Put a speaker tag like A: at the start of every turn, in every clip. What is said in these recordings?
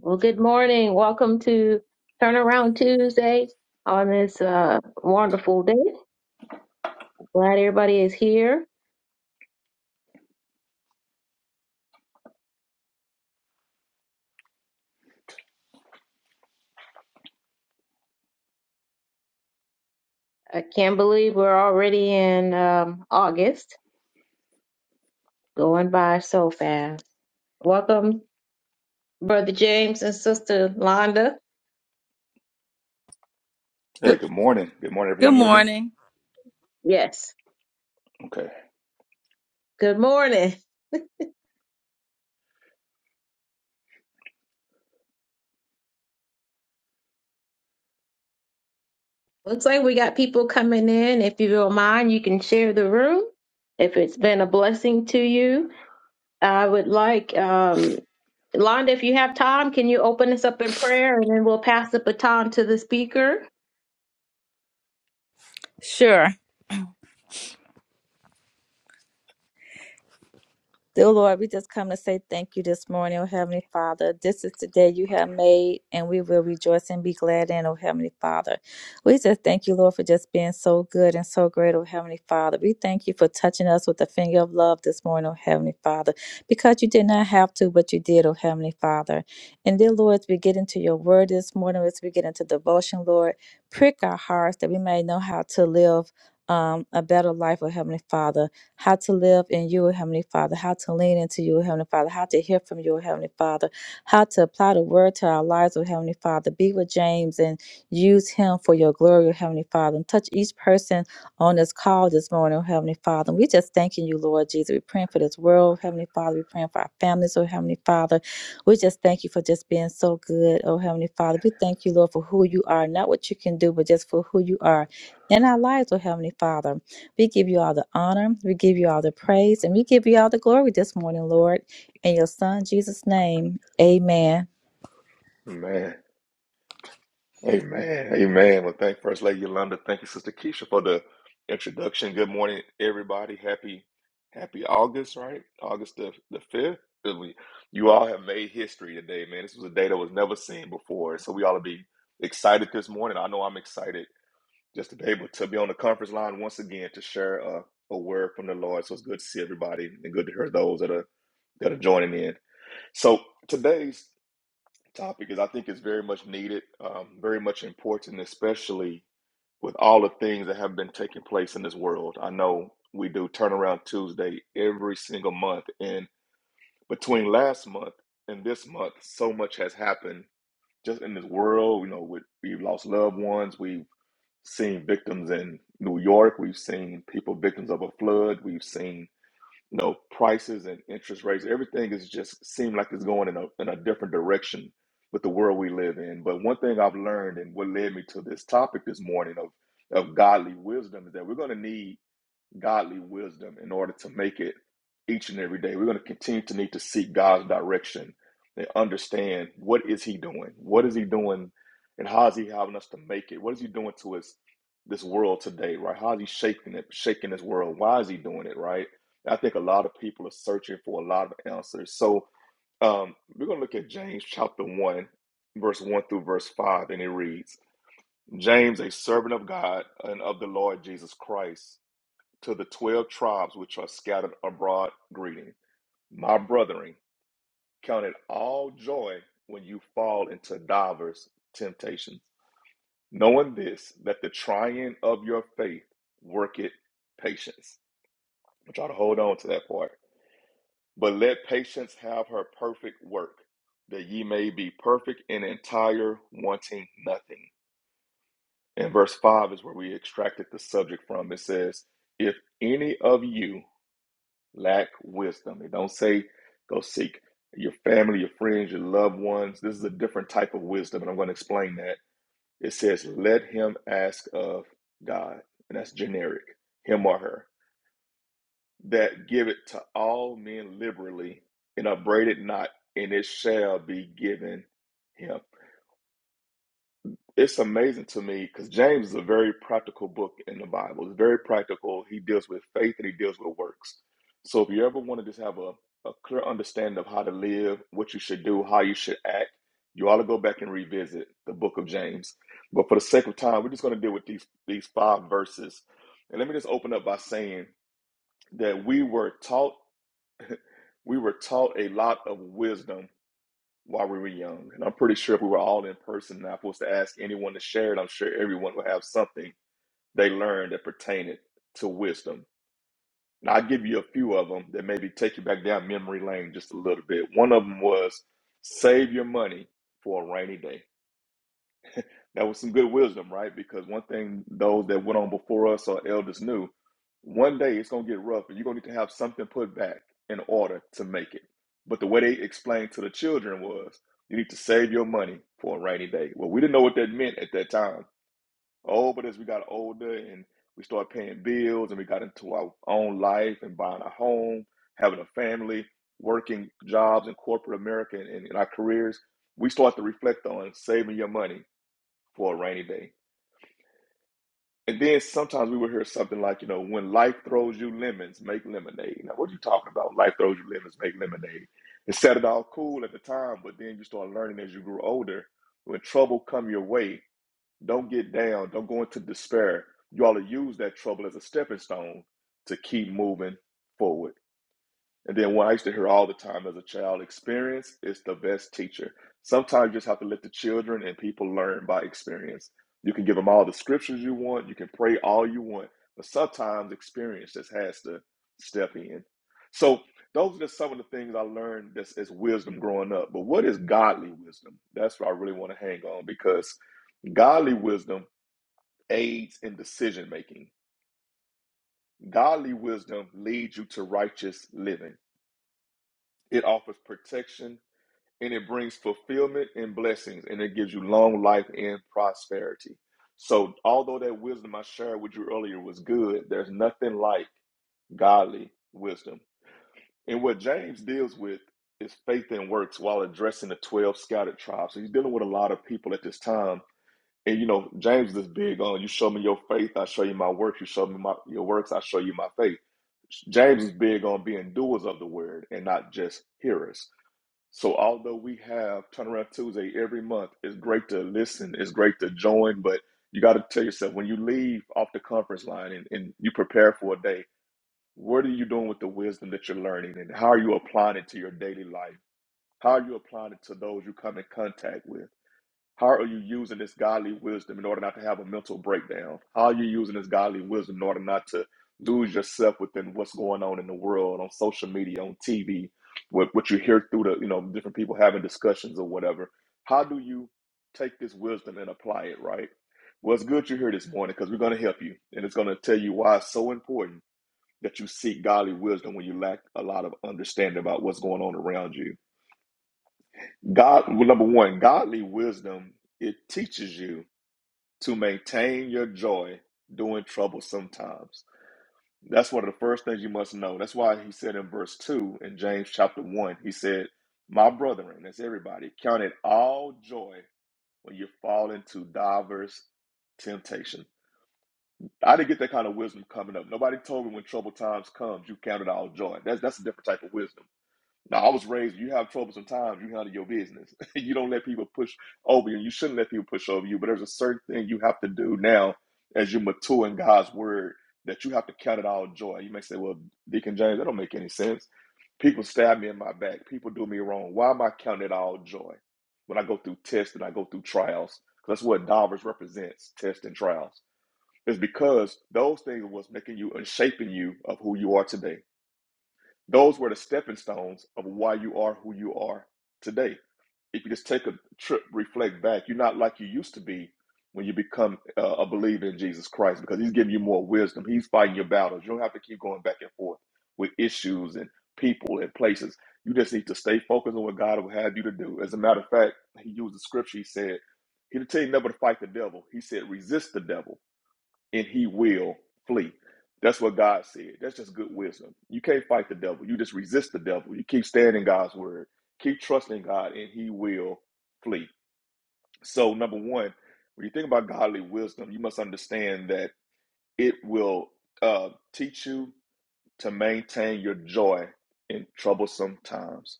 A: Well, good morning. Welcome to Turnaround Tuesday on this uh, wonderful day. Glad everybody is here. I can't believe we're already in um, August, going by so fast. Welcome, Brother James and Sister Londa.
B: Hey,
C: Good,
B: good morning. Good morning.
C: good
B: Everyone hear me?
C: morning.
A: Yes.
B: Okay.
A: Good morning. Looks like we got people coming in. If you don't mind, you can share the room if it's been a blessing to you. I would like, um, Londa, if you have time, can you open us up in prayer and then we'll pass the baton to the speaker?
C: Sure. Dear Lord, we just come to say thank you this morning, O Heavenly Father. This is the day you have made, and we will rejoice and be glad in, O Heavenly Father. We just thank you, Lord, for just being so good and so great, O Heavenly Father. We thank you for touching us with the finger of love this morning, O Heavenly Father, because you did not have to, but you did, O Heavenly Father. And dear Lord, as we get into your word this morning, as we get into devotion, Lord, prick our hearts that we may know how to live um, a better life, O Heavenly Father how to live in you, Heavenly Father, how to lean into you, Heavenly Father, how to hear from you, Heavenly Father, how to apply the word to our lives, oh Heavenly Father. Be with James and use him for your glory, oh Heavenly Father, and touch each person on this call this morning, oh Heavenly Father. We just thanking you, Lord Jesus. We're praying for this world, oh, Heavenly Father. We're praying for our families, oh Heavenly Father. We just thank you for just being so good, oh Heavenly Father. We thank you, Lord, for who you are, not what you can do, but just for who you are in our lives, oh Heavenly Father. We give you all the honor. We give you all the praise. And we give you all the glory this morning, Lord. In your son, Jesus' name, amen.
B: Amen. Amen. Amen. Well, thank First Lady Yolanda. Thank you, Sister Keisha, for the introduction. Good morning, everybody. Happy, happy August, right? August the, the 5th. And we- You all have made history today, man. This was a day that was never seen before. So we ought to be excited this morning. I know I'm excited just to be able to be on the conference line once again to share a, a word from the Lord. So it's good to see everybody and good to hear those that are that are joining in. So today's topic is I think it's very much needed, um, very much important, especially with all the things that have been taking place in this world. I know we do turnaround Tuesday every single month, and between last month and this month, so much has happened just in this world. You know, with, we've lost loved ones, we've seen victims in New York, we've seen people victims of a flood, we've seen you know, prices and interest rates, everything is just seem like it's going in a in a different direction with the world we live in. But one thing I've learned and what led me to this topic this morning of of godly wisdom is that we're going to need godly wisdom in order to make it each and every day. We're going to continue to need to seek God's direction and understand what is he doing? What is he doing and how is he having us to make it? What is he doing to us this world today, right? How is he shaking it, shaking this world? Why is he doing it, right? I think a lot of people are searching for a lot of answers. So um, we're going to look at James chapter 1, verse 1 through verse 5, and it reads James, a servant of God and of the Lord Jesus Christ to the twelve tribes which are scattered abroad greeting. My brethren, count it all joy when you fall into divers temptations, knowing this, that the trying of your faith worketh patience. I try to hold on to that part. But let patience have her perfect work, that ye may be perfect and entire, wanting nothing. And verse 5 is where we extracted the subject from. It says, If any of you lack wisdom. It don't say go seek your family, your friends, your loved ones. This is a different type of wisdom, and I'm going to explain that. It says, let him ask of God, and that's generic, him or her, that give it to all men liberally and upbraid it not, and it shall be given him. it's amazing to me because James is a very practical book in the Bible. It's very practical. He deals with faith and he deals with works. So if you ever want to just have a, a clear understanding of how to live, what you should do, how you should act, you ought to go back and revisit the book of James. But for the sake of time, we're just going to deal with these these five verses. And let me just open up by saying that we were taught we were taught a lot of wisdom while we were young. And I'm pretty sure if we were all in person and I was to ask anyone to share it, I'm sure everyone would have something they learned that pertained to wisdom. Now, I'll give you a few of them that maybe take you back down memory lane just a little bit. One of them was save your money for a rainy day. That was some good wisdom, right? Because one thing those that went on before us or elders knew, one day it's gonna get rough, and you're gonna need to have something put back in order to make it. But the way they explained to the children was, you need to save your money for a rainy day. Well, we didn't know what that meant at that time. Oh, but as we got older and we started paying bills and we got into our own life and buying a home, having a family, working jobs in corporate America and in our careers, we start to reflect on saving your money for a rainy day. And then sometimes we would hear something like, you know, when life throws you lemons, make lemonade. Now, what are you talking about? Life throws you lemons, make lemonade. It sounded all cool at the time, but then you start learning as you grew older, when trouble come your way, don't get down, don't go into despair. You ought to use that trouble as a stepping stone to keep moving forward. And then what I used to hear all the time as a child, experience is the best teacher. Sometimes you just have to let the children and people learn by experience. You can give them all the scriptures you want, you can pray all you want, but sometimes experience just has to step in. So those are just some of the things I learned that's as wisdom growing up. But what is godly wisdom? That's what I really want to hang on because godly wisdom aids in decision making. Godly wisdom leads you to righteous living. It offers protection and it brings fulfillment and blessings and it gives you long life and prosperity. So, although that wisdom I shared with you earlier was good, there's nothing like godly wisdom. And what James deals with is faith and works while addressing the 12 scattered tribes. So, he's dealing with a lot of people at this time. And you know, James is big on you show me your faith, I show you my works, you show me my, your works, I show you my faith. James is big on being doers of the word and not just hearers. So although we have Turnaround Tuesday every month, it's great to listen, it's great to join, but you got to tell yourself when you leave off the conference line and, and you prepare for a day, what are you doing with the wisdom that you're learning and how are you applying it to your daily life? How are you applying it to those you come in contact with? How are you using this godly wisdom in order not to have a mental breakdown? How are you using this godly wisdom in order not to lose yourself within what's going on in the world, on social media, on TV, what, what you hear through the, you know, different people having discussions or whatever? How do you take this wisdom and apply it, right? Well, it's good you're here this morning because we're going to help you and it's going to tell you why it's so important that you seek godly wisdom when you lack a lot of understanding about what's going on around you. God, well, number one, godly wisdom, it teaches you to maintain your joy during trouble sometimes. That's one of the first things you must know. That's why he said in verse 2 in James chapter 1, he said, My brethren, that's everybody, count it all joy when you fall into diverse temptation. I didn't get that kind of wisdom coming up. Nobody told me when trouble times comes, you count it all joy. That's that's a different type of wisdom. Now, I was raised, you have trouble sometimes, you handle your business. you don't let people push over you, and you shouldn't let people push over you. But there's a certain thing you have to do now as you mature in God's word that you have to count it all joy. You may say, well, Deacon James, that don't make any sense. People stab me in my back. People do me wrong. Why am I counting it all joy when I go through tests and I go through trials? Because that's what Davers represents, tests and trials. It's because those things was making you and shaping you of who you are today. Those were the stepping stones of why you are who you are today. If you just take a trip, reflect back, you're not like you used to be when you become uh, a believer in Jesus Christ because He's giving you more wisdom. He's fighting your battles. You don't have to keep going back and forth with issues and people and places. You just need to stay focused on what God will have you to do. As a matter of fact, He used the scripture. He said, He didn't tell you never to fight the devil. He said, resist the devil and he will flee. That's what God said. That's just good wisdom. You can't fight the devil. You just resist the devil. You keep standing God's word. Keep trusting God and he will flee. So number one, when you think about godly wisdom, you must understand that it will uh, teach you to maintain your joy in troublesome times.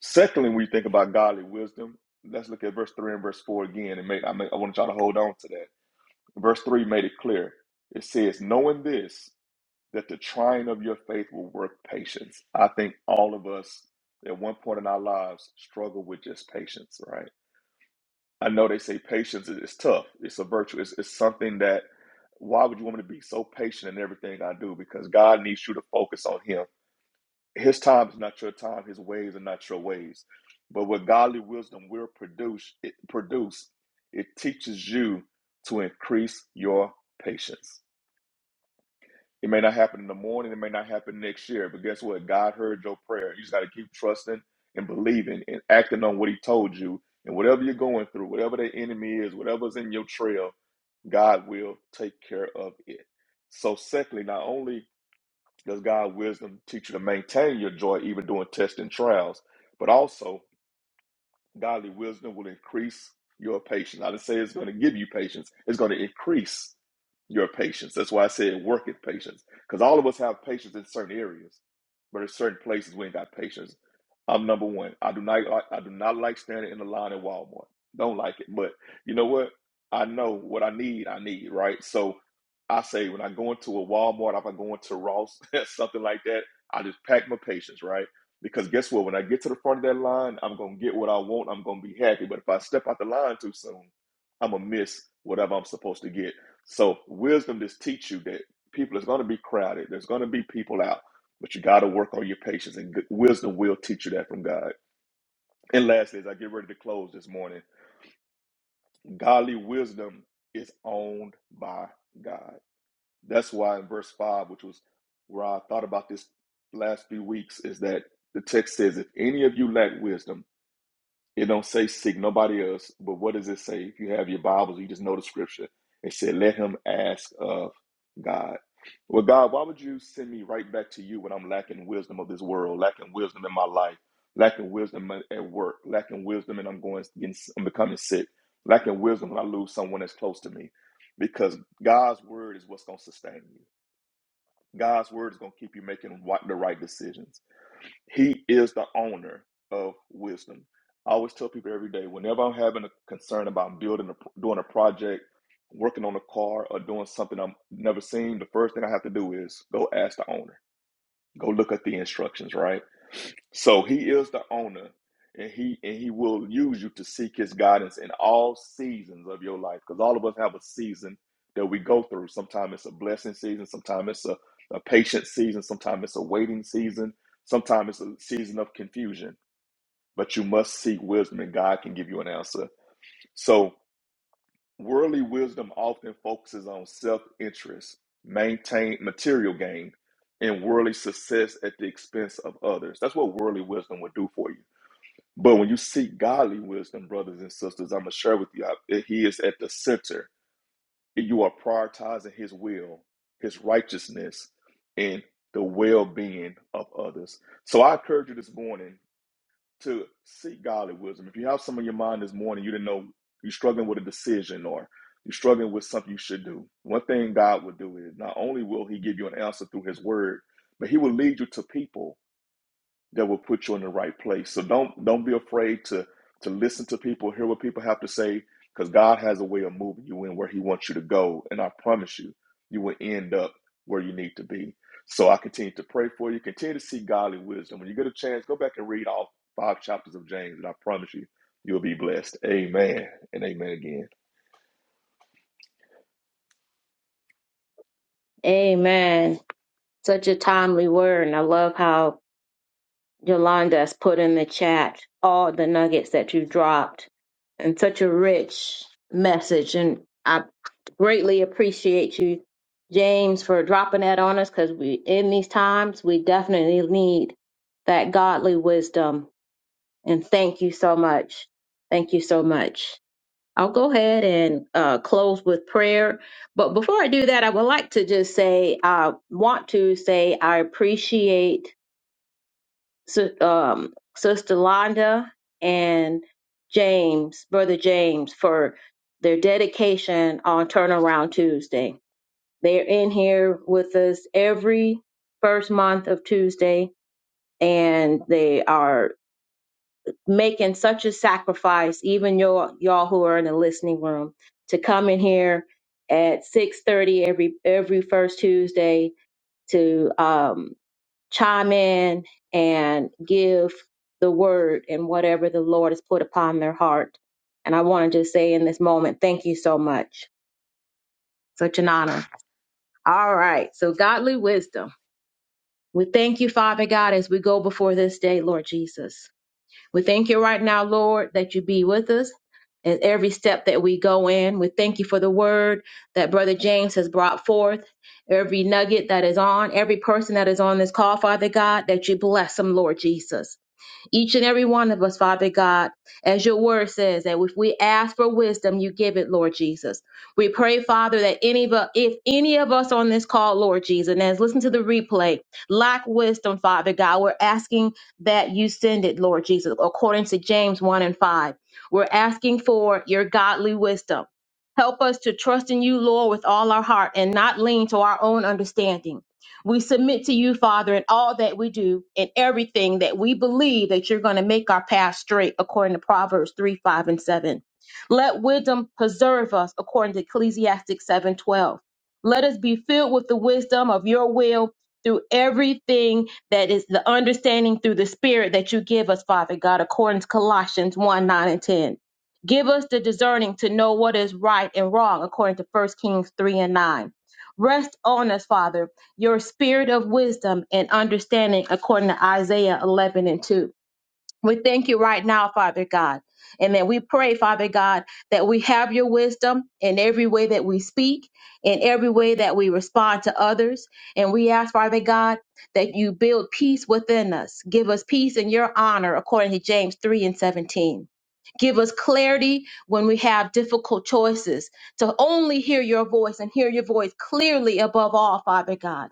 B: Secondly, when you think about godly wisdom, let's look at verse three and verse four again. And make, I, make, I want y'all to hold on to that. Verse three made it clear. It says, knowing this that the trying of your faith will work patience. I think all of us at one point in our lives struggle with just patience, right? I know they say patience is is tough. It's a virtue. It's, it's something that why would you want me to be so patient in everything I do? Because God needs you to focus on Him. His time is not your time. His ways are not your ways. But what godly wisdom will produce, it produce, it teaches you to increase your patience it may not happen in the morning. It may not happen next year. But guess what? God heard your prayer. You just got to keep trusting and believing and acting on what He told you. And whatever you're going through, whatever the enemy is, whatever's in your trail, God will take care of it. So, secondly, not only does God wisdom teach you to maintain your joy even during tests and trials, but also Godly wisdom will increase your patience. I didn't say it's going to give you patience, it's going to increase your patience. That's why I said work at patience. Because all of us have patience in certain areas, but in certain places we ain't got patience. I'm number one. I do not like I do not like standing in the line at Walmart. Don't like it. But you know what? I know what I need, I need, right? So I say when I go into a Walmart, if I go into Ross, something like that, I just pack my patience, right? Because guess what? When I get to the front of that line, I'm gonna get what I want. I'm gonna be happy. But if I step out the line too soon, I'm gonna miss whatever I'm supposed to get. So wisdom just teach you that people is gonna be crowded. There's gonna be people out, but you gotta work on your patience. And good- wisdom will teach you that from God. And lastly, as I get ready to close this morning, godly wisdom is owned by God. That's why in verse five, which was where I thought about this last few weeks, is that the text says, "If any of you lack wisdom," It don't say seek nobody else, but what does it say? If you have your Bibles, you just know the scripture. It said, "Let him ask of God." Well, God, why would you send me right back to you when I'm lacking wisdom of this world, lacking wisdom in my life, lacking wisdom at work, lacking wisdom, and I'm going, getting, I'm becoming sick, lacking wisdom when I lose someone that's close to me, because God's word is what's going to sustain you. God's word is going to keep you making the right decisions. He is the owner of wisdom. I always tell people every day, whenever I'm having a concern about building, a, doing a project, working on a car, or doing something I've never seen, the first thing I have to do is go ask the owner. Go look at the instructions, right? So he is the owner, and he and he will use you to seek his guidance in all seasons of your life. Because all of us have a season that we go through. Sometimes it's a blessing season, sometimes it's a, a patient season, sometimes it's a waiting season, sometimes it's a season of confusion. But you must seek wisdom, and God can give you an answer. So Worldly wisdom often focuses on self interest, maintain material gain, and worldly success at the expense of others. That's what worldly wisdom would do for you. But when you seek godly wisdom, brothers and sisters, I'm going to share with you, I- He is at the center. You are prioritizing His will, His righteousness, and the well being of others. So I encourage you this morning to seek godly wisdom. If you have some in your mind this morning, you didn't know you're struggling with a decision or you're struggling with something you should do. One thing God will do is not only will He give you an answer through His Word, but He will lead you to people that will put you in the right place. So don't don't be afraid to to listen to people, hear what people have to say, because God has a way of moving you in where He wants you to go. And I promise you, you will end up where you need to be. So I continue to pray for you. Continue to seek godly wisdom. When you get a chance, go back and read all five chapters of James, and I promise you, you'll be blessed. Amen and amen again.
A: Amen. Such a timely word. And I love how Yolanda has put in the chat all the nuggets that you dropped and such a rich message. And I greatly appreciate you, James, for dropping that on us because we, in these times, we definitely need that godly wisdom And thank you so much. Thank you so much. I'll go ahead and uh, close with prayer. But before I do that, I would like to just say I want to say I appreciate Sis- um, Sister Londa and James, Brother James, for their dedication on Turnaround Tuesday. They're in here with us every first month of Tuesday, and they are making such a sacrifice, even y'all, y'all who are in the listening room, to come in here at six thirty every every first Tuesday to um, chime in and give the word and whatever the Lord has put upon their heart. And I want to just say in this moment, thank you so much. Such an honor. All right. So, godly wisdom. We thank you, Father God, as we go before this day, Lord Jesus. We thank you right now, Lord, that you be with us in every step that we go in. We thank you for the word that Brother James has brought forth, every nugget that is on, every person that is on this call, Father God, that you bless them, Lord Jesus each and every one of us, Father God, as your word says, that if we ask for wisdom, you give it, Lord Jesus. We pray, Father, that any of us, if any of us on this call, Lord Jesus, and as listen to the replay, lack wisdom, Father God, we're asking that you send it, Lord Jesus, according to James 1 and 5. We're asking for your godly wisdom. Help us to trust in you, Lord, with all our heart and not lean to our own understanding. We submit to you, Father, in all that we do and everything that we believe that you're going to make our path straight, according to Proverbs 3, 5, and 7. Let wisdom preserve us, according to Ecclesiastes 7, 12. Let us be filled with the wisdom of your will through everything that is the understanding through the Spirit that you give us, Father God, according to Colossians 1, 9, and 10. Give us the discerning to know what is right and wrong, according to First Kings 3 and 9. Rest on us, Father your spirit of wisdom and understanding according to Isaiah 11 and 2. We thank you right now, Father God. And then we pray, Father God, that we have your wisdom in every way that we speak, in every way that we respond to others. And we ask, Father God, that you build peace within us. Give us peace in your honor, according to James 3 and 17. Give us clarity when we have difficult choices to only hear your voice and hear your voice clearly above all, Father God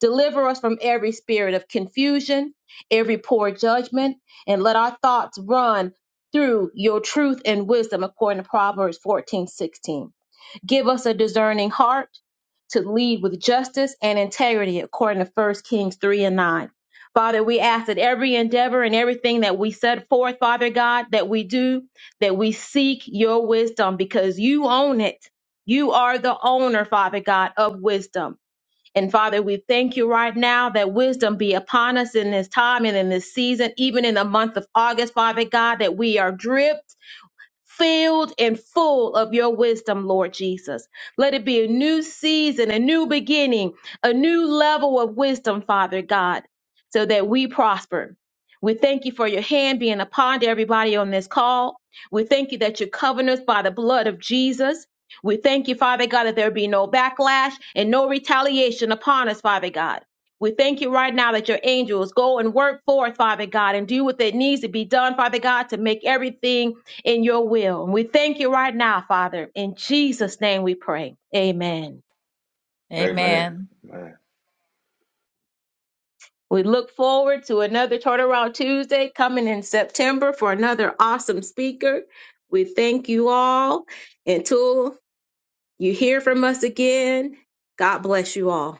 A: Deliver us from every spirit of confusion, every poor judgment, and let our thoughts run through your truth and wisdom according to Proverbs 14 16. Give us a discerning heart to lead with justice and integrity according to First Kings 3 and 9. Father, we ask that every endeavor and everything that we set forth, Father God, that we do, that we seek your wisdom because you own it. You are the owner, Father God, of wisdom. And Father, we thank you right now that wisdom be upon us in this time and in this season, even in the month of August, Father God, that we are dripped filled and full of your wisdom, Lord Jesus. Let it be a new season, a new beginning, a new level of wisdom, Father God, so that we prosper. We thank you for your hand being upon everybody on this call. We thank you that you're covering us by the blood of Jesus. We thank you, Father God, that there be no backlash and no retaliation upon us, Father God. We thank you right now that your angels go and work forth, Father God, and do what that needs to be done, Father God, to make everything in your will. And we thank you right now, Father. In Jesus' name we pray. Amen.
B: Amen.
C: Amen.
B: Amen.
A: We look forward to another Turnaround Tuesday coming in September for another awesome speaker. We thank you all. Until you hear from us again, God bless you all.